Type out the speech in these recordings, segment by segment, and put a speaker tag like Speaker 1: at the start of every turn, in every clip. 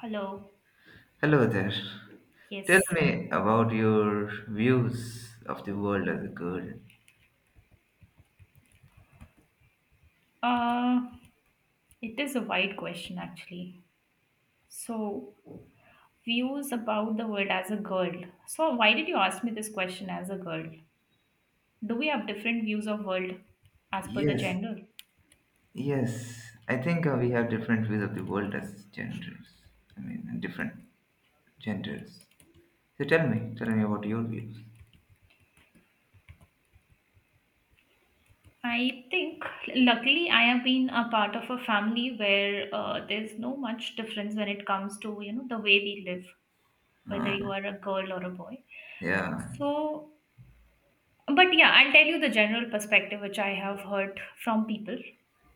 Speaker 1: Hello.
Speaker 2: Hello there. Tell
Speaker 1: Yes.
Speaker 2: me about your views of the world as a girl.
Speaker 1: Uh, it is a wide question actually. So, views about the world as a girl. So, why did you ask me this question as a girl? Do we have different views of world as per the
Speaker 2: Yes,
Speaker 1: gender?
Speaker 2: yes. I think we have different views of the world as genders. I mean, and different genders. So tell me about your views.
Speaker 1: I think luckily I have been a part of a family where there's no much difference when it comes to you know the way we live, whether you are a girl or a boy.
Speaker 2: Yeah.
Speaker 1: So But yeah, I'll tell you the general perspective which I have heard from people,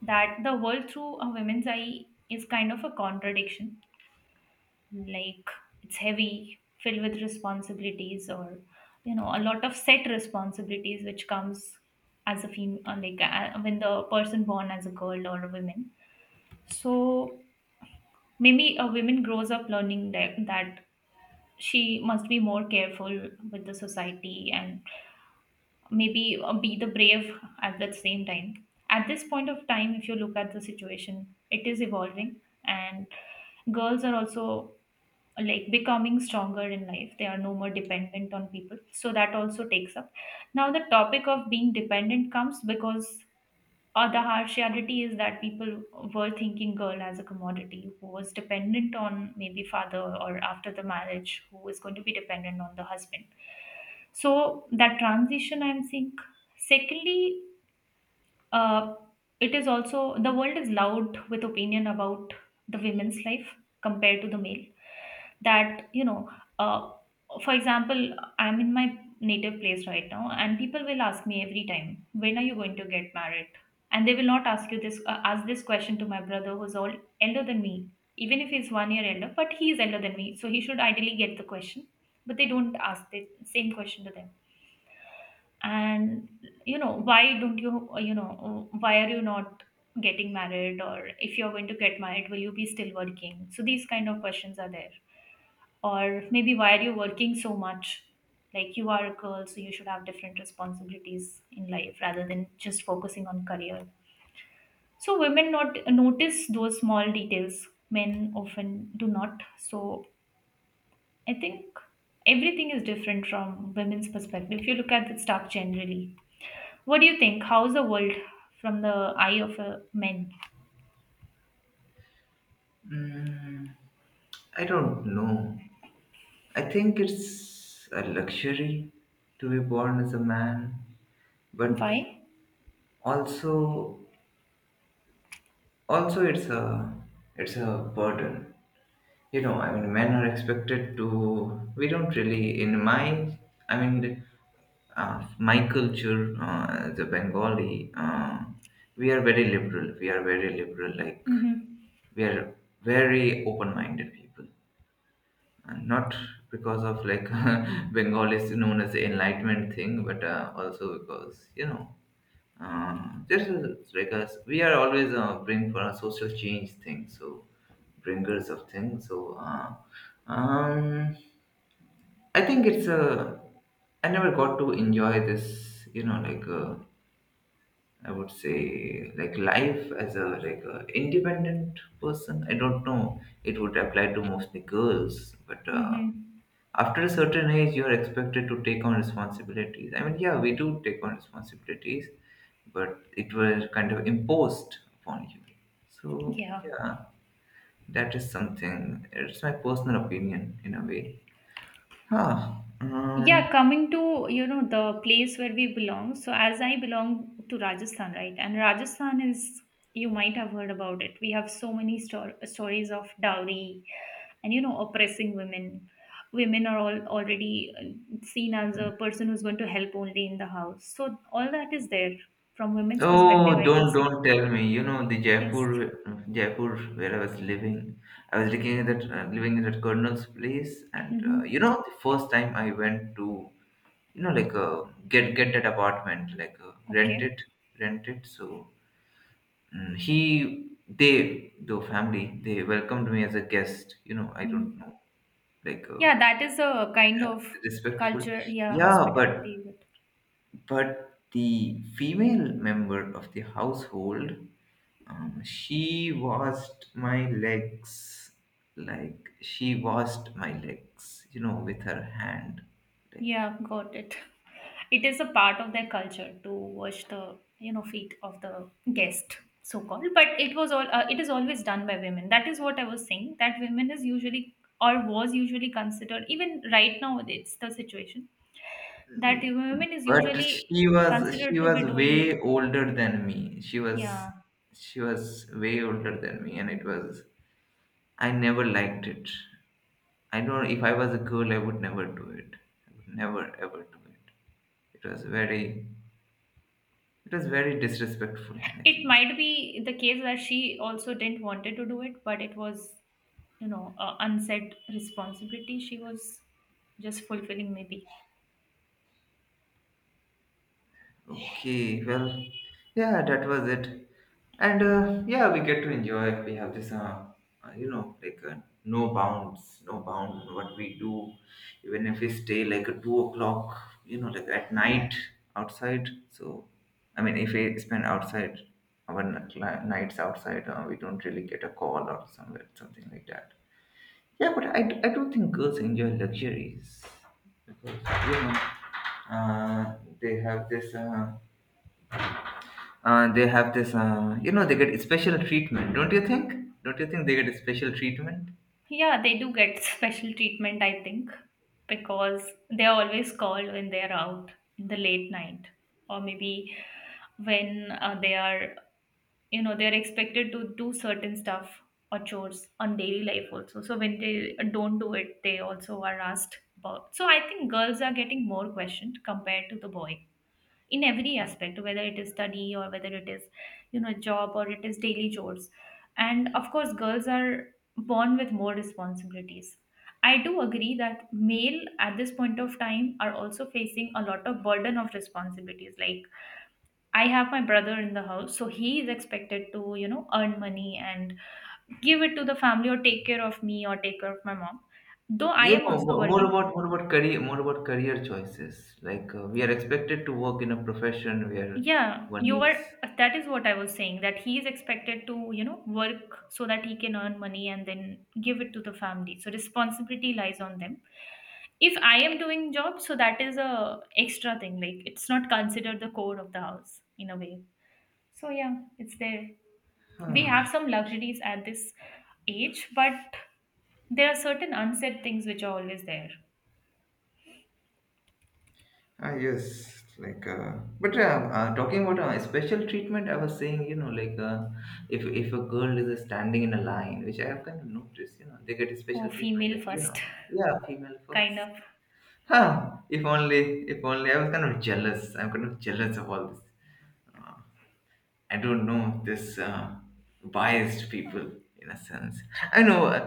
Speaker 1: that the world through a woman's eye is kind of a contradiction. Like it's heavy, filled with responsibilities, or you know, a lot of set responsibilities which comes as a female, like when the person born as a girl or a woman. So maybe a woman grows up learning that she must be more careful with the society, and maybe be the brave. At the same time, at this point of time if you look at the situation it is evolving, and girls are also like becoming stronger in life, they are no more dependent on people, so that also takes up. Now the topic of being dependent comes because, or the harsh reality is that people were thinking girl as a commodity who was dependent on maybe father, or after the marriage who is going to be dependent on the husband. So that transition I'm seeing. Secondly, uh, it is also the world is loud with opinion about the women's life compared to the male. That you know, uh, for example, I'm in my native place right now, and people will ask me every time, "When are you going to get married?" And they will not ask you this, ask this question to my brother who's all elder than me, even if he's 1 year elder, but he is elder than me, so he should ideally get the question. But they don't ask the same question to them. And you know why don't you you know why are you not getting married, or if you're going to get married will you be still working, so these kind of questions are there. Or maybe why are you working so much, like you are a girl so you should have different responsibilities in life rather than just focusing on career. So women not notice those small details, men often do not. So I think everything is different from women's perspective. If you look at the stuff generally, what do you think? How's the world from the eye of a man?
Speaker 2: Mm, I don't know. I think it's a luxury to be born as a man, but
Speaker 1: Why?
Speaker 2: also also it's a burden, you know. I mean, men are expected to— we don't really in my I mean, my culture, as Bengali, we are very liberal. Like,
Speaker 1: Mm-hmm.
Speaker 2: we are very open-minded people, and not because of, like, Bengal is known as the enlightenment thing, but also because, you know, uh, there's a— like us, we are always, bring for a social change thing, so bringers of things, so um I think it's a— I never got to enjoy this, you know, like I would say, like, life as a— like a independent person, I don't know. It would apply to mostly girls, but
Speaker 1: Mm-hmm.
Speaker 2: after a certain age you're expected to take on responsibilities. I mean, yeah, we do take on responsibilities, but it was kind of imposed upon you, so
Speaker 1: Yeah.
Speaker 2: yeah. That is something. It's my personal opinion in a way. Huh. um,
Speaker 1: Yeah, coming to, you know, the place where we belong. So as I belong to Rajasthan, right? And Rajasthan is, you might have heard about it, we have so many stories of dowry, and you know oppressing women. Women are all already seen as a person who's going to help only in the house, so all that is there. From women's
Speaker 2: oh,
Speaker 1: perspective I can
Speaker 2: don't
Speaker 1: say.
Speaker 2: don't tell me, the
Speaker 1: Yes.
Speaker 2: Jaipur where I was living. I was looking at that, living in that colonel's place, and you know,
Speaker 1: Hmm.
Speaker 2: the first time I went to, you know, like get that apartment, like rent
Speaker 1: Okay.
Speaker 2: it rent it So mm, he they the family they welcomed me as a guest, you know. I don't know.
Speaker 1: Hmm.
Speaker 2: Like,
Speaker 1: Yeah, that is a kind
Speaker 2: yeah,
Speaker 1: of
Speaker 2: respectful.
Speaker 1: culture, yeah.
Speaker 2: Yeah, but
Speaker 1: Hospitality, but
Speaker 2: but the female member of the household, she washed my legs. Like, she washed my legs, you know, with her hand. Like,
Speaker 1: yeah, got it. It is a part of their culture to wash the you know feet of the guest, so called. But it was all it is always done by women. That is what I was saying, that women is usually, or was usually considered, even right now it's the situation, that women is
Speaker 2: but
Speaker 1: usually
Speaker 2: she was she
Speaker 1: considered to
Speaker 2: was
Speaker 1: be doing.
Speaker 2: way older than me. She was
Speaker 1: Yeah,
Speaker 2: she was way older than me, and it was— I never liked it. I don't. If I was a girl, I would never do it. I would never ever do it. It was very— disrespectful, I
Speaker 1: it
Speaker 2: think.
Speaker 1: might be the case that she also didn't wanted to do it, but it was, you know, a unsaid responsibility she was just fulfilling maybe.
Speaker 2: Okay, well, yeah, that was it. And yeah, we get to enjoy. We have this, you know, like, no bound what we do. Even if we stay like at 2 o'clock, you know, like, at night outside. So, I mean, if we spend outside our nights outside, we don't really get a call or somewhere, something like that. Yeah, but I do think girls enjoy luxuries because, you know, uh, they have this. They have this, you know, they get special treatment, don't you think? Don't you think they get a special treatment?
Speaker 1: Yeah, they do get special treatment, I think, because they're always called when they're out in the late night, or maybe when they are, you know, they're expected to do certain stuff or chores on daily life also. So when they don't do it, they also are asked about. So I think girls are getting more questioned compared to the boy in every aspect, whether it is study or whether it is you know job or it is daily chores. And of course girls are born with more responsibilities. I do agree that male at this point of time are also facing a lot of burden of responsibilities. Like I have my brother in the house, so he is expected to you know earn money and give it to the family, or take care of me or take care of my mom, though I
Speaker 2: You
Speaker 1: am
Speaker 2: know,
Speaker 1: also
Speaker 2: mo- more
Speaker 1: working.
Speaker 2: about more about career, more about career choices. Like we are expected to work in a profession where
Speaker 1: Yeah,
Speaker 2: one
Speaker 1: you are.
Speaker 2: is.
Speaker 1: That is what I was saying, that he is expected to, you know, work so that he can earn money and then give it to the family. So responsibility lies on them. If I am doing job, so that is a extra thing. Like it's not considered the core of the house in a way. So yeah, it's there. We have
Speaker 2: Ah,
Speaker 1: some luxuries at this age, but there are certain unsaid things which are always there.
Speaker 2: ah, yes, like, but talking about, special treatment, I was saying, you know, like, if a girl is, standing in a line, which I have kind of noticed, you know, they get a special
Speaker 1: Oh,
Speaker 2: treatment,
Speaker 1: female
Speaker 2: like, you know,
Speaker 1: first,
Speaker 2: yeah, female
Speaker 1: kind
Speaker 2: first.
Speaker 1: of.
Speaker 2: Huh, if only, if only. I was kind of jealous. I'm kind of jealous of all this. Uh, I don't know this, biased people in a sense. I know,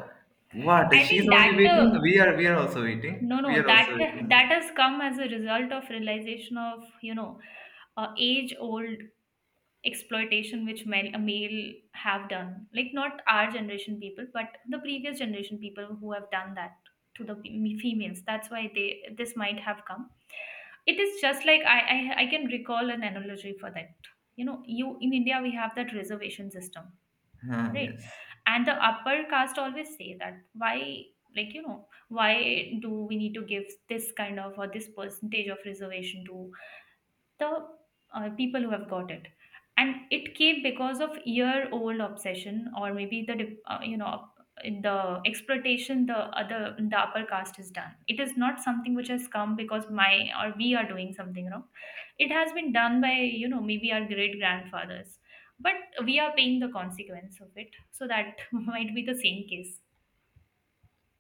Speaker 2: what
Speaker 1: I
Speaker 2: she's
Speaker 1: think
Speaker 2: only
Speaker 1: that
Speaker 2: waiting.
Speaker 1: the
Speaker 2: We are also waiting.
Speaker 1: No,
Speaker 2: We
Speaker 1: no,
Speaker 2: are
Speaker 1: that
Speaker 2: also waiting.
Speaker 1: that has come as a result of realization of, you know, age-old exploitation which male have done. Like not our generation people, but the previous generation people who have done that to the females. That's why they this might have come. It is just like I can recall an analogy for that. You know, you in India we have that reservation system,
Speaker 2: Huh,
Speaker 1: right?
Speaker 2: yes.
Speaker 1: And the upper caste always say that why, like you know, why do we need to give this kind of, or this percentage of reservation to the people who have got it. And it came because of year old obsession, or maybe the you know the exploitation the other the upper caste has done. It is not something which has come because my, or we are doing something wrong, it has been done by you know maybe our great grandfathers, but we are paying the consequence of it, so that might be the same case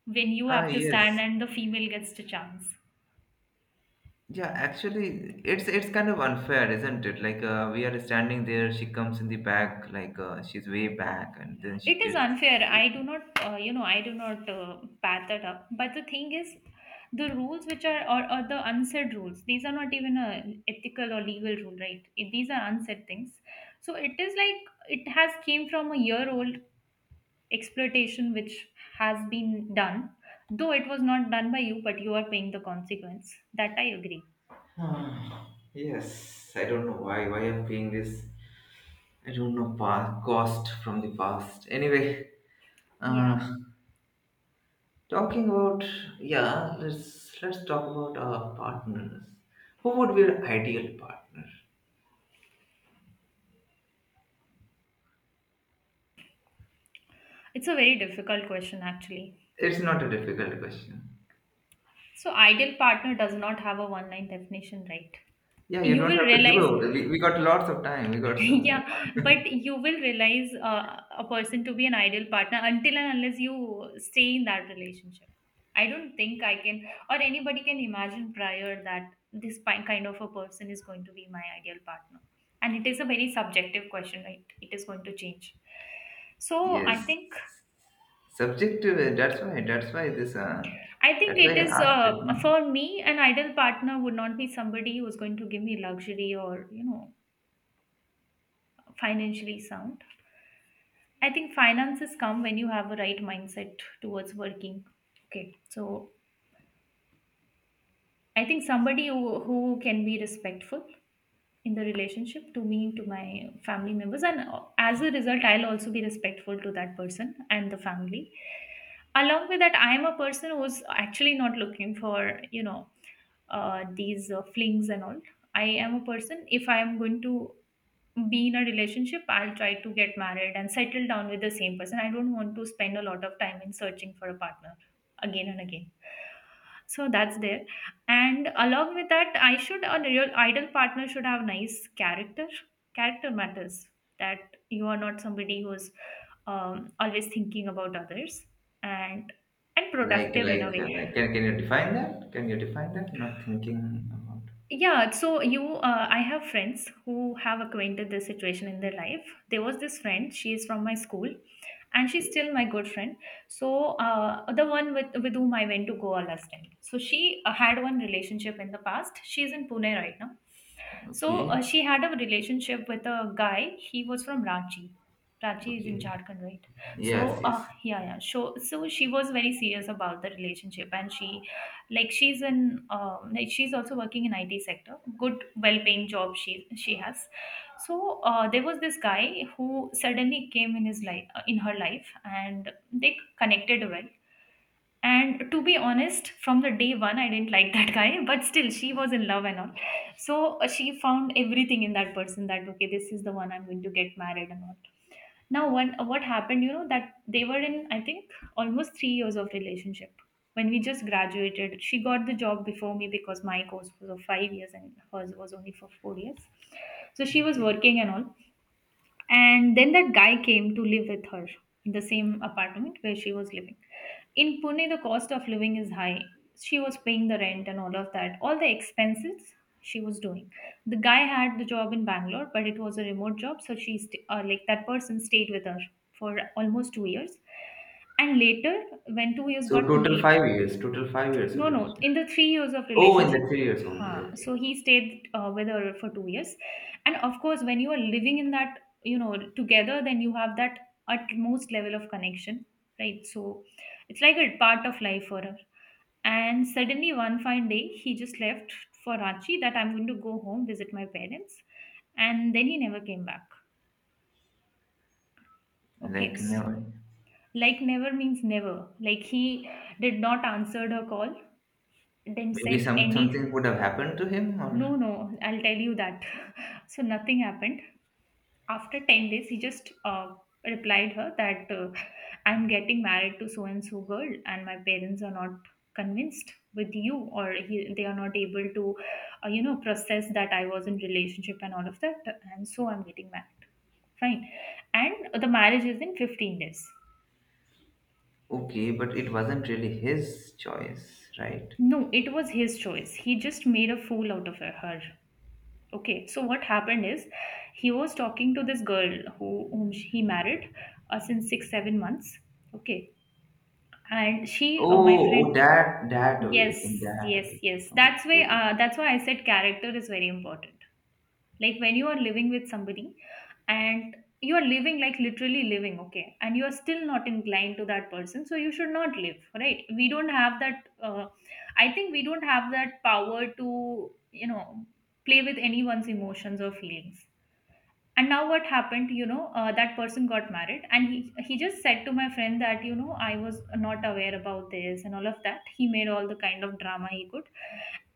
Speaker 1: when you
Speaker 2: Ah,
Speaker 1: have to stand
Speaker 2: yes.
Speaker 1: and the female gets the chance.
Speaker 2: Yeah, actually, it's kind of unfair, isn't it? Like, we are standing there. She comes in the back, like, she's way back, and then she
Speaker 1: It is
Speaker 2: gets.
Speaker 1: unfair. I do not you know I do not pat that up, but the thing is the rules which are, or the unsaid rules, these are not even a ethical or legal rule, right? These are unsaid things. So it is like it has came from a year old exploitation which has been done. Though it was not done by you, but you are paying the consequence, that I agree.
Speaker 2: Ah, yes, I don't know why. Why I'm being this. I don't know past, cost from the past. Anyway,
Speaker 1: Yeah,
Speaker 2: uh, talking about— yeah, let's talk about our partners. Who would be your ideal partner?
Speaker 1: it's a very difficult question actually.
Speaker 2: It's not a difficult question.
Speaker 1: So ideal partner does not have a one line definition, right?
Speaker 2: Yeah, you
Speaker 1: You
Speaker 2: don't
Speaker 1: will
Speaker 2: have to give
Speaker 1: realize.
Speaker 2: away. We got lots of time. We got some more.
Speaker 1: Yeah, but you will realize a person to be an ideal partner until and unless you stay in that relationship. I don't think I can, or anybody can imagine prior that this kind of a person is going to be my ideal partner. And it is a very subjective question, right? It is going to change. So
Speaker 2: Yes, subjective. That's why. That's why this.
Speaker 1: I
Speaker 2: That's
Speaker 1: think it
Speaker 2: why
Speaker 1: is
Speaker 2: I asked it, no?
Speaker 1: for me an ideal partner would not be somebody who's going to give me luxury, or you know financially sound. I think finances come when you have a right mindset towards working. Okay, so I think somebody who can be respectful in the relationship to me, to my family members, and as a result, I'll also be respectful to that person and the family. Along with that, I am a person who's actually not looking for you know these flings and all. I am a person, if I am going to be in a relationship, I'll try to get married and settle down with the same person. I don't want to spend a lot of time in searching for a partner again and again. So that's there. And along with that, I should a real ideal partner should have nice character. Character matters. That you are not somebody who's always thinking about others, and productive in a way.
Speaker 2: Like, can you define that? Can you define that? Not thinking about.
Speaker 1: Yeah, so you, I have friends who have acquainted this situation in their life. There was this friend, she is from my school, and she's
Speaker 2: Okay.
Speaker 1: still my good friend. So the one with whom I went to Goa last time. So she had one relationship in the past. She's in Pune right now. So
Speaker 2: Okay.
Speaker 1: she had a relationship with a guy. He was from Ranchi. Ranchi is in
Speaker 2: Okay.
Speaker 1: Jharkhand, right? So
Speaker 2: Yes, yes.
Speaker 1: yeah, yeah. So she was very serious about the relationship, and she's also working in IT sector, good well paying job, she has. There was this guy who suddenly came in his life in her life, and they connected well. And to be honest, from the day one I didn't like that guy, but still she was in love and all. She found everything in that person that okay, this is the one I'm going to get married and all. What happened, you know, that they were in, I think, almost 3 years of relationship. When we just graduated, she got the job before me because my course was of 5 years and hers was only for 4 years. So she was
Speaker 2: Okay.
Speaker 1: working and all. And then that guy came to live with her in the same apartment where she was living. In Pune, the cost of living is high. She was paying the rent and all of that, all the expenses she was doing. The guy had the job in Bangalore, but it was a remote job, so like that person stayed with her for almost 2 years. And later, when 2 years
Speaker 2: So
Speaker 1: got
Speaker 2: total
Speaker 1: complete,
Speaker 2: 5 years. Total 5 years of
Speaker 1: no, no.
Speaker 2: relationship.
Speaker 1: In the 3 years of
Speaker 2: Oh, in
Speaker 1: relationship,
Speaker 2: the 3 years only.
Speaker 1: huh.
Speaker 2: Okay.
Speaker 1: So he stayed with her for 2 years, and of course, when you are living in that, you know, together, then you have that utmost level of connection, right? So it's like a part of life for her. And suddenly, one fine day, he just left for Ranchi, that I'm going to go home, visit my parents, and then he never came back. Okay,
Speaker 2: Like never.
Speaker 1: like never means never. Like he did not answered her call, didn't
Speaker 2: Maybe
Speaker 1: said
Speaker 2: something
Speaker 1: any.
Speaker 2: would have happened to him, or
Speaker 1: No, no, I'll tell you that. So nothing happened. After 10 days, he just replied her that I'm getting married to so and so girl, and my parents are not convinced with you, or he, they are not able to, you know, process that I was in relationship and all of that, and so I'm getting married. Fine. And the marriage is in 15 days.
Speaker 2: okay, but it wasn't really his choice, right?
Speaker 1: No, it was his choice. He just made a fool out of her. Okay, so what happened is he was talking to this girl whom he married since 6 7 months. Okay, and she, my
Speaker 2: Oh, oh,
Speaker 1: friend,
Speaker 2: that way. In
Speaker 1: yes,
Speaker 2: that
Speaker 1: yes,
Speaker 2: way.
Speaker 1: yes. That's why
Speaker 2: Okay.
Speaker 1: uh, that's why I said character is very important. Like when you are living with somebody, and you are living, like literally living, okay, and you are still not inclined to that person, so you should not live, right? We don't have that. I think we don't have that power to, you know, play with anyone's emotions or feelings. And now what happened, you know, that person got married, and he just said to my friend that, you know, I was not aware about this and all of that. He made all the kind of drama he could.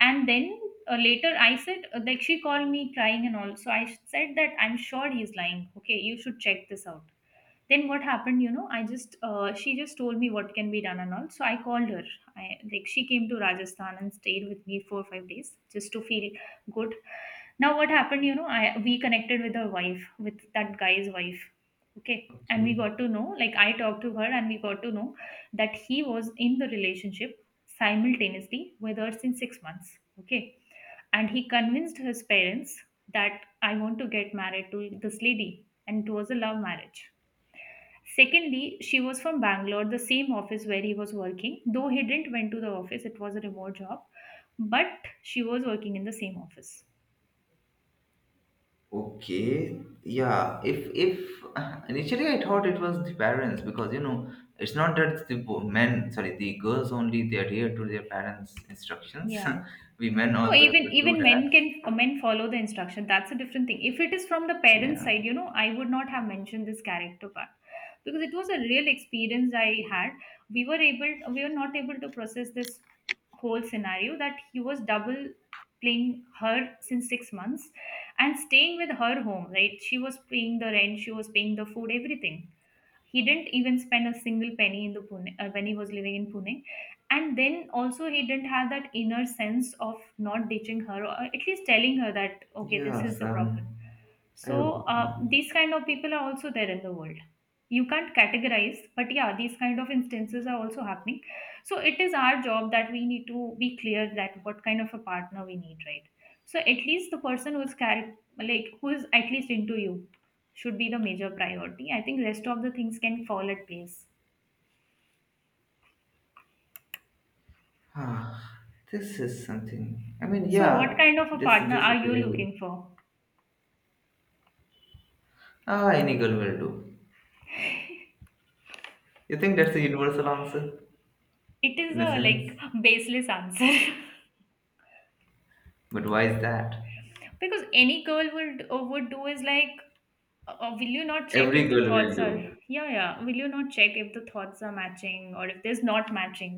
Speaker 1: And then later I said, like she called me crying and all, so I said that I'm sure he's lying, okay, you should check this out. Then what happened, you know, I just she just told me what can be done and all, so I called her. I like she came to Rajasthan and stayed with me 4 or 5 days just to feel good. Now what happened, you know, I we connected with her wife, with that guy's wife. Okay. And we
Speaker 2: Okay.
Speaker 1: got to know, like I talked to her, and we got to know that he was in the relationship simultaneously with her since 6 months. Okay. And he convinced his parents that I want to get married to this lady, and it was a love marriage. Secondly, she was from Bangalore, the same office where he was working, though he didn't went to the office, it was a remote job, but she was working in the same office.
Speaker 2: Okay, yeah. If initially I thought it was the parents, because you know, it's not that the men— sorry, the girls only, they adhere to their parents' instructions.
Speaker 1: Yeah.
Speaker 2: We men
Speaker 1: No,
Speaker 2: also have
Speaker 1: even
Speaker 2: to do
Speaker 1: even
Speaker 2: that.
Speaker 1: men can, men follow the instruction. That's a different thing. If it is from the parents'
Speaker 2: Yeah.
Speaker 1: side, you know, I would not have mentioned this character part because it was a real experience I had. We were not able to process this whole scenario that he was double playing her since 6 months and staying with her home. Right, she was paying the rent, she was paying the food, everything. He didn't even spend a single penny in the pune when he was living in Pune. And then also he didn't have that inner sense of not ditching her, or at least telling her that okay, this is
Speaker 2: Yes.
Speaker 1: the problem.
Speaker 2: I
Speaker 1: So
Speaker 2: don't know.
Speaker 1: these kind of people are also there in the world. You can't categorize, but yeah, these kind of instances are also happening. So it is our job that we need to be clear that what kind of a partner we need, right? So at least the person who's like who is at least into you should be the major priority. I think rest of the things can fall at place.
Speaker 2: Ah, this is something. I mean,
Speaker 1: So what
Speaker 2: yeah.
Speaker 1: kind of a
Speaker 2: This
Speaker 1: partner
Speaker 2: this
Speaker 1: are
Speaker 2: is
Speaker 1: you
Speaker 2: really—
Speaker 1: looking for?
Speaker 2: Ah, any girl will do. You think that's the universal answer
Speaker 1: It is
Speaker 2: in a
Speaker 1: a, like,
Speaker 2: sense,
Speaker 1: baseless answer.
Speaker 2: but why is that?
Speaker 1: Because any girl would do, is like, will you not check if
Speaker 2: Every
Speaker 1: the
Speaker 2: girl will
Speaker 1: thoughts are,
Speaker 2: do.
Speaker 1: yeah, yeah, will you not check if the thoughts are matching or if there's not matching,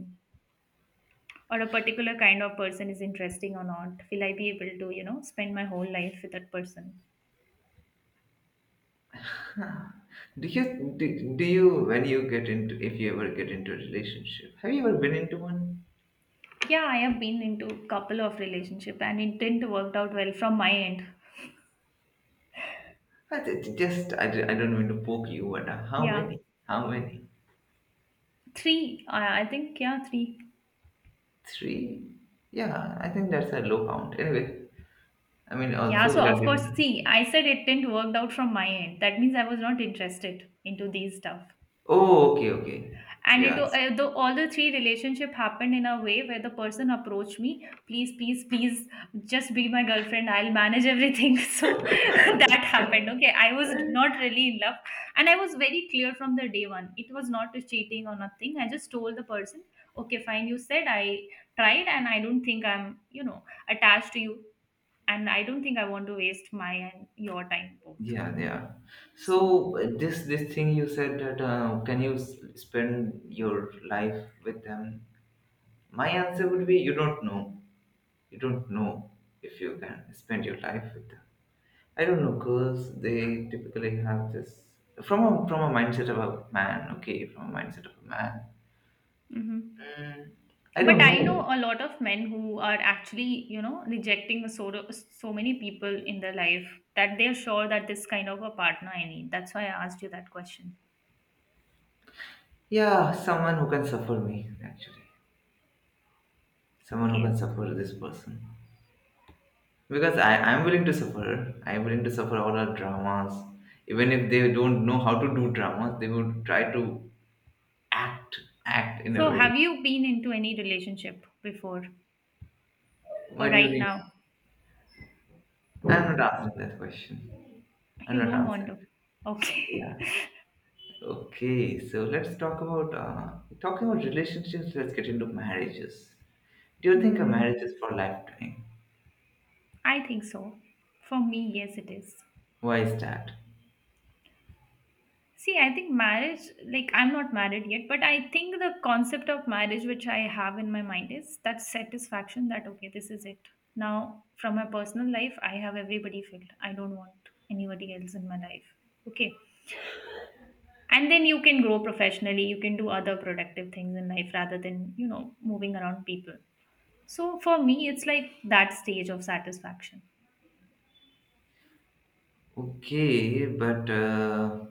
Speaker 1: or a particular kind of person is interesting or not, will I be able to, you know, spend my whole life with that person?
Speaker 2: Do you do, do you When you get into— if you ever get into a relationship? Have you ever been into one?
Speaker 1: Yeah, I have been into couple of relationship, and it didn't worked out well from my end.
Speaker 2: I ju- just I, ju- I don't mean to poke you, but how
Speaker 1: Yeah.
Speaker 2: many? How many?
Speaker 1: Three, I think, yeah, three.
Speaker 2: Three? Yeah, I think that's a low count. Anyway, I mean
Speaker 1: Yeah,
Speaker 2: also
Speaker 1: so
Speaker 2: that.
Speaker 1: of course, see, I said it didn't work out from my end. That means I was not interested into these stuff.
Speaker 2: Oh, okay, okay.
Speaker 1: And it,
Speaker 2: Yeah,
Speaker 1: though all the three relationship happened in a way where the person approached me, please, please, please, just be my girlfriend. I'll manage everything. So that happened. Okay, I was not really in love, and I was very clear from the day one. It was not a cheating or nothing. I just told the person, okay, fine, you said I tried, and I don't think I'm, you know, attached to you, and I don't think I want to waste my and your time both.
Speaker 2: yeah, yeah.
Speaker 1: So,
Speaker 2: So, this thing you said that, can you spend your life with them? My answer would be, you don't know. You don't know if you can spend your life with them. I don't know, girls, they typically have this— from a mindset of a man, okay, from a mindset of a man.
Speaker 1: hmm,
Speaker 2: Mm, I
Speaker 1: but
Speaker 2: don't
Speaker 1: I know
Speaker 2: know.
Speaker 1: a lot of men who are actually, you know, rejecting so many people in their life, that they're sure that this kind of a partner I need. That's why I asked you that question.
Speaker 2: Yeah, someone who can suffer me, actually. Someone who can
Speaker 1: Okay.
Speaker 2: suffer this person. Because I'm willing to suffer. I'm willing to suffer all our dramas. Even if they don't know how to do dramas, they would try to act act in a
Speaker 1: So,
Speaker 2: way.
Speaker 1: have you been into any relationship before
Speaker 2: Why
Speaker 1: or
Speaker 2: do you
Speaker 1: right
Speaker 2: need
Speaker 1: now?
Speaker 2: I'm not answering that question. I'm
Speaker 1: You
Speaker 2: not
Speaker 1: don't want
Speaker 2: answering.
Speaker 1: to. Okay.
Speaker 2: Yeah. Okay, so let's talk about, talking about relationships. Let's get into marriages. Do you think a
Speaker 1: Hmm.
Speaker 2: marriage is for lifetime?
Speaker 1: I think so. For me, yes, it is.
Speaker 2: Why is that?
Speaker 1: See, I think marriage, like I'm not married yet, but I think the concept of marriage which I have in my mind is that satisfaction that, okay, this is it. Now, from my personal life, I have everybody filled. I don't want anybody else in my life. Okay. And then you can grow professionally, you can do other productive things in life rather than, you know, moving around people. So for me, it's like that stage of satisfaction.
Speaker 2: Okay, but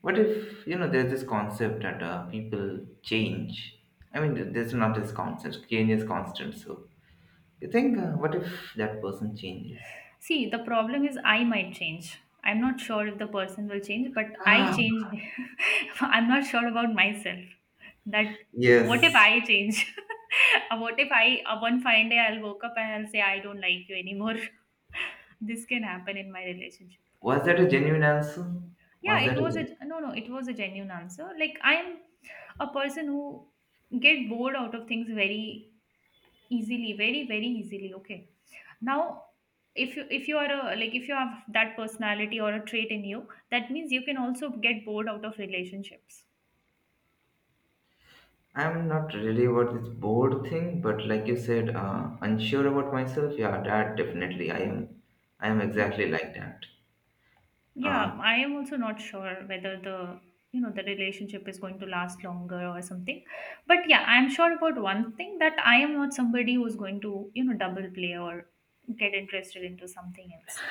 Speaker 2: what if, you know, there's this concept that, people change? I mean, there's not this concept. Change is constant. So you think, what if that person changes?
Speaker 1: See, the problem is I might change. I'm not sure if the person will change, but I
Speaker 2: Ah,
Speaker 1: change. I'm not sure about myself. That what if
Speaker 2: yes.
Speaker 1: I change? What if I, one fine day I'll woke up and I'll say I don't like you anymore. This can happen in my relationship.
Speaker 2: Was that a genuine answer?
Speaker 1: Yeah,
Speaker 2: Was that
Speaker 1: it
Speaker 2: a
Speaker 1: was a, no, no. It was a genuine answer. Like I'm a person who get bored out of things very easily, very easily. Okay, now if you are a, like, if you have that personality or a trait in you, that means you can also get bored out of relationships.
Speaker 2: I'm not really about this bored thing, but like you said, unsure about myself. Yeah, that definitely I am. I am
Speaker 1: Yeah.
Speaker 2: exactly like that. Uh,
Speaker 1: Yeah, I am also not sure whether the, you know, the relationship is going to last longer or something, but yeah, I'm sure about one thing, that I am not somebody who's going to, you know, double play or get interested into something else.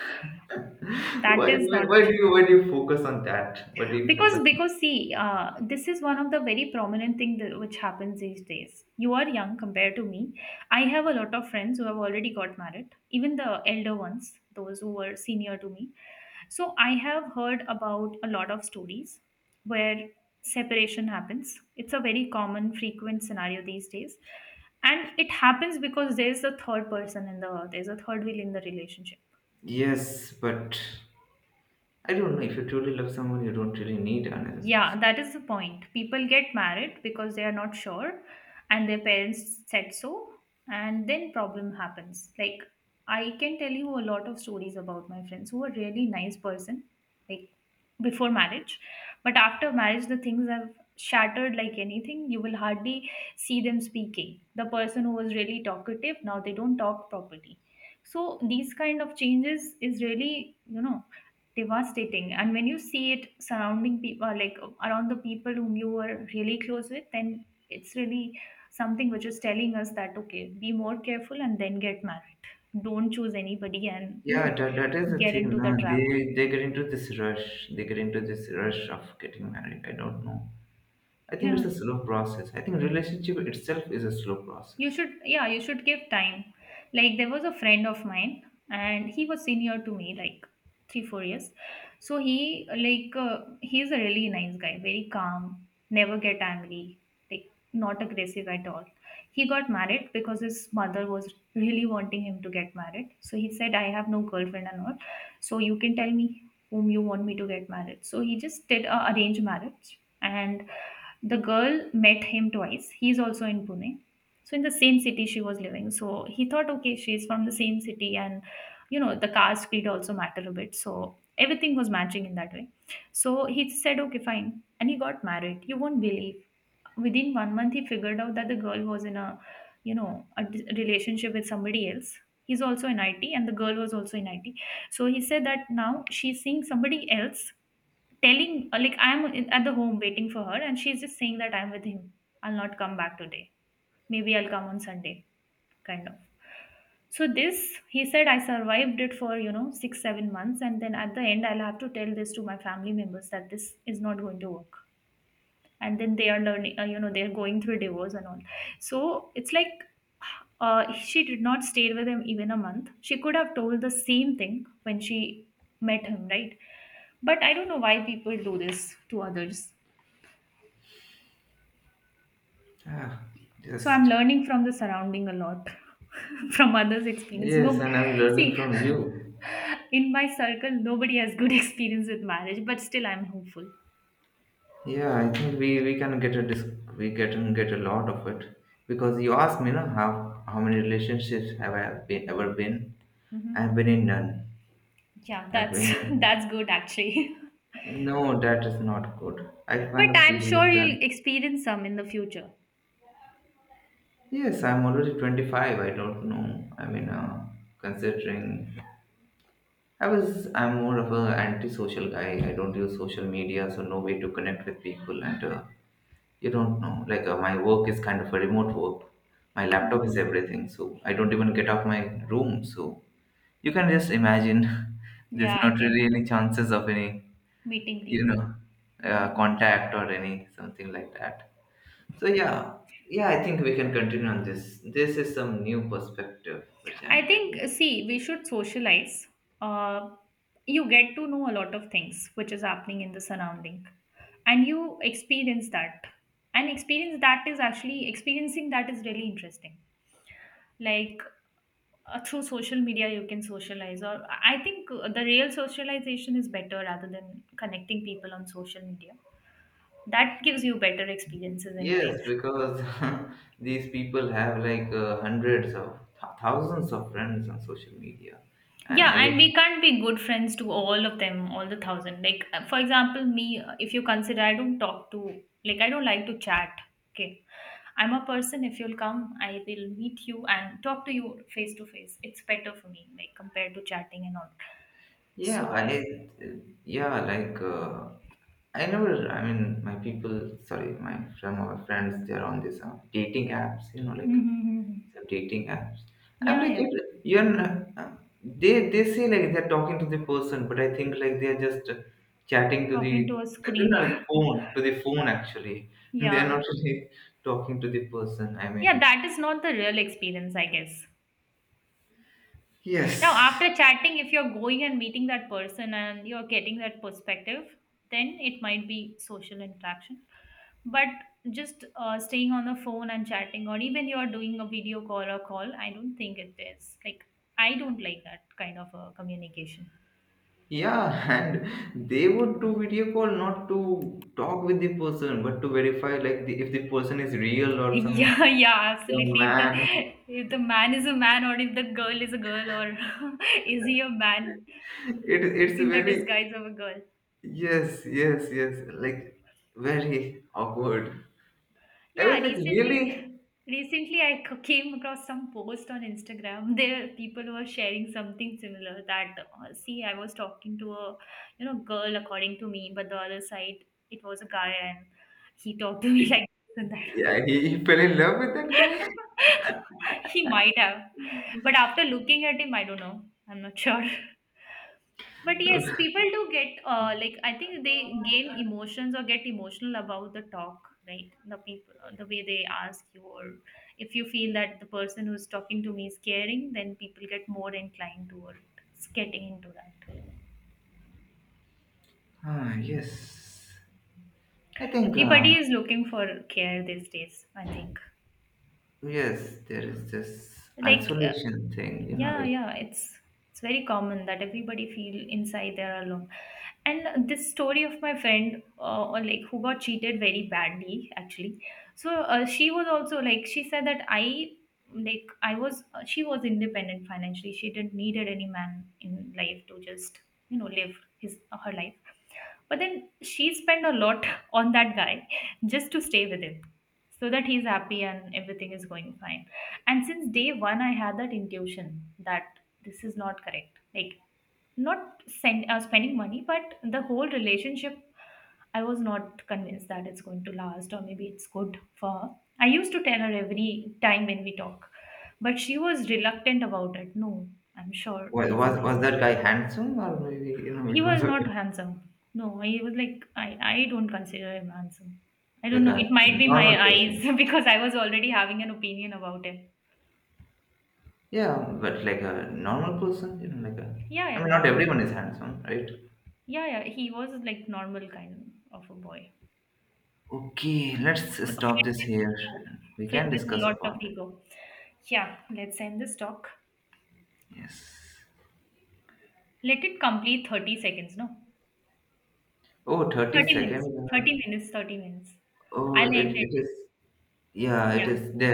Speaker 1: That is not,
Speaker 2: why do you focus on that? Why do you
Speaker 1: because
Speaker 2: focus?
Speaker 1: because see, this is one of the very prominent thing that, which happens these days. You are young compared to me. I have a lot of friends who have already got married, even the elder ones, those who were senior to me. So I have heard about a lot of stories where separation happens. It's a very common frequent scenario these days, and it happens because there's a third person in the, there's a third wheel in the relationship.
Speaker 2: Yes, but I don't know. If you truly love someone, you don't really need another person.
Speaker 1: Yeah, that is the point. People get married because they are not sure, and their parents said so, and then problem happens. Like I can tell you a lot of stories about my friends who are really nice person, like before marriage, but after marriage the things have shattered like anything. You will hardly see them speaking. The person who was really talkative now they don't talk properly. So these kind of changes is really, devastating. And when you see it surrounding people, like around the people whom you were really close with, then it's really something which is telling us that, okay, be more careful and then get married, don't choose anybody and
Speaker 2: Yeah, that is the
Speaker 1: get
Speaker 2: thing.
Speaker 1: into the
Speaker 2: Nah,
Speaker 1: trap.
Speaker 2: they get into this rush. They get into this rush of getting married. I don't know. I think
Speaker 1: Yeah,
Speaker 2: it's a slow process. I think relationship itself is a slow
Speaker 1: you
Speaker 2: process.
Speaker 1: should, yeah, you should give time. Like, there was a friend of mine, and he was senior to me, like, 3-4 years. So he, he's a really nice guy, very calm, never get angry, like, not aggressive at all. He got married because his mother was really wanting him to get married, so he said, I have no girlfriend and all, so you can tell me whom you want me to get married. So he just did a arranged marriage. And the girl met him twice. He's also in Pune, so in the same city she was living. So he thought, okay, she's from the same city, and you know the caste creed also matter a bit. So everything was matching in that way. So he said, okay, fine, and he got married. You won't believe, within one month he figured out that the girl was in a, a relationship with somebody else. He's also in it and the girl was also in it. So he said that now she's seeing somebody else, telling, like, I'm in, at the home, waiting for her, and she's just saying that I'm with him, I'll not come back today, maybe I'll come on Sunday, kind of. So this, he said, I survived it for 6 7 months, and then at the end I'll have to tell this to my family members that this is not going to work. And then they are learning, they're going through divorce and all. So it's like, she did not stay with him even a month. She could have told the same thing when she met him, right? But I don't know why people do this to others.
Speaker 2: Ah,
Speaker 1: So I'm
Speaker 2: just—
Speaker 1: learning from the surrounding a lot, from others' experience.
Speaker 2: Yes,
Speaker 1: No,
Speaker 2: and I'm learning
Speaker 1: see,
Speaker 2: from you.
Speaker 1: in my circle, nobody has good experience with marriage, but still, I'm hopeful.
Speaker 2: Yeah, I think we can get a— we get and get a lot of it, because you asked me, no, how many relationships have I been— ever been?
Speaker 1: Hmm.
Speaker 2: I've been in none.
Speaker 1: Yeah,
Speaker 2: I've
Speaker 1: that's
Speaker 2: been in—
Speaker 1: that's good actually.
Speaker 2: no, that is not good. I
Speaker 1: But
Speaker 2: kind of
Speaker 1: I'm
Speaker 2: feel
Speaker 1: sure
Speaker 2: it's that.
Speaker 1: you'll experience some in the future.
Speaker 2: Yes, I'm already 25. I don't know. I mean, considering— I'm more of a antisocial guy. I don't use social media, so no way to connect with people. And, you don't know. Like, my work is kind of a remote work. My laptop is
Speaker 1: Hmm.
Speaker 2: everything, so I don't even get off my room. So you can just imagine. There's
Speaker 1: Yeah, I
Speaker 2: not
Speaker 1: can
Speaker 2: really any chances of any,
Speaker 1: meeting
Speaker 2: you know,
Speaker 1: people. Mhm.
Speaker 2: contact or any something like that. So yeah, yeah, I think we can continue on this. This is some new perspective which I'm
Speaker 1: I think,
Speaker 2: getting.
Speaker 1: see, we should socialize. Uh, you get to know a lot of things which is happening in the surrounding, and you experience that. And experience that is, actually, experiencing that is really interesting. Like Through social media, you can socialize, or I think the real socialization is better rather than connecting people on social media. That gives you better experiences in
Speaker 2: Yes,
Speaker 1: life.
Speaker 2: because these people have, like, hundreds of thousands of friends on social media, and
Speaker 1: Yeah,
Speaker 2: I
Speaker 1: and
Speaker 2: just—
Speaker 1: we can't be good friends to all of them, all the thousand. Like, for example, me, if you consider, I don't talk to, like, I don't like to chat. Okay. I'm a person, if you'll come, I will meet you and talk to you face to face. It's better for me, like, compared to chatting and all.
Speaker 2: Yeah,
Speaker 1: So,
Speaker 2: I— yeah, like, I never. I mean, my people— sorry, my some of my friends, they're on this, dating apps. You know, like,
Speaker 1: mm-hmm.
Speaker 2: some dating apps. I'm
Speaker 1: Yeah,
Speaker 2: like,
Speaker 1: yeah.
Speaker 2: you're— you're n- uh, they say like they're talking to the person, but I think like they're just, chatting to the—
Speaker 1: Talking to a
Speaker 2: they're
Speaker 1: screen.
Speaker 2: not like phone to the phone actually. They're
Speaker 1: Yeah.
Speaker 2: not really talking to the person. I
Speaker 1: Yeah,
Speaker 2: mean,
Speaker 1: that is not the real experience, I guess. Now,
Speaker 2: yes.
Speaker 1: after chatting, if you're going and meeting that person and you're getting that perspective, then it might be social interaction. But just staying on the phone and chatting, or even you're doing a video call or call, I don't think it is. Like, I don't like that kind of communication.
Speaker 2: Yeah, and they would do video call not to talk with the person, but to verify, like, the— if the person is real or some
Speaker 1: Yeah, yeah,
Speaker 2: some
Speaker 1: absolutely. If the,
Speaker 2: man.
Speaker 1: if the man is a man, or if the girl is a girl, or is he a man
Speaker 2: It's
Speaker 1: in the
Speaker 2: very—
Speaker 1: disguise of a girl?
Speaker 2: yes, yes, yes, like very awkward. I was
Speaker 1: Yeah,
Speaker 2: like
Speaker 1: recently,
Speaker 2: really—
Speaker 1: recently I came across some post on Instagram. There, people were sharing something similar that, see, I was talking to a girl according to me, but the other side it was a guy, and he talked to me
Speaker 2: he,
Speaker 1: like this and that.
Speaker 2: he fell in love with that guy.
Speaker 1: He might have, but after looking at him, I don't know. I'm not sure. But yes, people do get like, I think they gain emotions or get emotional about the talk, right? The people, the way they ask you, or if you feel that the person who's talking to me is caring, then people get more inclined toward getting into that.
Speaker 2: Ah, yes. I think,
Speaker 1: Everybody is looking for care these days, I think.
Speaker 2: yes, there is this
Speaker 1: Like uh,
Speaker 2: isolation thing, you know,
Speaker 1: Yeah,
Speaker 2: like—
Speaker 1: yeah, it's very common that everybody feel inside they're alone. And this story of my friend, or like who got cheated very badly, actually. So she was also like she said that I like I was she was independent financially. She didn't needed any man in life to just live his, her life. But then she spent a lot on that guy just to stay with him, so that he's happy and everything is going fine. And since day one, I had that intuition that this is not correct. Like, not spending money, but the whole relationship, I was not convinced that it's going to last or maybe it's good for. I used to tell her every time when we talk, but she was reluctant about it. No, I'm sure he's a nice
Speaker 2: Was
Speaker 1: guy.
Speaker 2: that guy handsome, or maybe, you know,
Speaker 1: He
Speaker 2: because
Speaker 1: was
Speaker 2: of
Speaker 1: not
Speaker 2: the—
Speaker 1: handsome. No, he was like, I don't consider him handsome. I don't
Speaker 2: like
Speaker 1: know.
Speaker 2: a
Speaker 1: It might be
Speaker 2: normal
Speaker 1: my eyes
Speaker 2: person?
Speaker 1: because I was already having an opinion about him.
Speaker 2: Yeah, but like a normal person, you know, like a.
Speaker 1: Yeah,
Speaker 2: I
Speaker 1: yeah,
Speaker 2: mean, not
Speaker 1: normal.
Speaker 2: everyone is handsome, right?
Speaker 1: Yeah, yeah, he was like normal kind of a boy.
Speaker 2: Okay, let's
Speaker 1: Filled
Speaker 2: stop this
Speaker 1: with
Speaker 2: here.
Speaker 1: ego,
Speaker 2: We can
Speaker 1: filled with
Speaker 2: discuss
Speaker 1: a lot of
Speaker 2: upon it.
Speaker 1: ego. Yeah, let's end this talk.
Speaker 2: Yes.
Speaker 1: Let it complete 30 seconds, no?
Speaker 2: Oh, 30
Speaker 1: 30
Speaker 2: second.
Speaker 1: minutes,
Speaker 2: uh,
Speaker 1: 30 minutes, 30 minutes.
Speaker 2: Oh,
Speaker 1: I'll end
Speaker 2: it
Speaker 1: it.
Speaker 2: is. Yeah, it
Speaker 1: Yeah.
Speaker 2: is.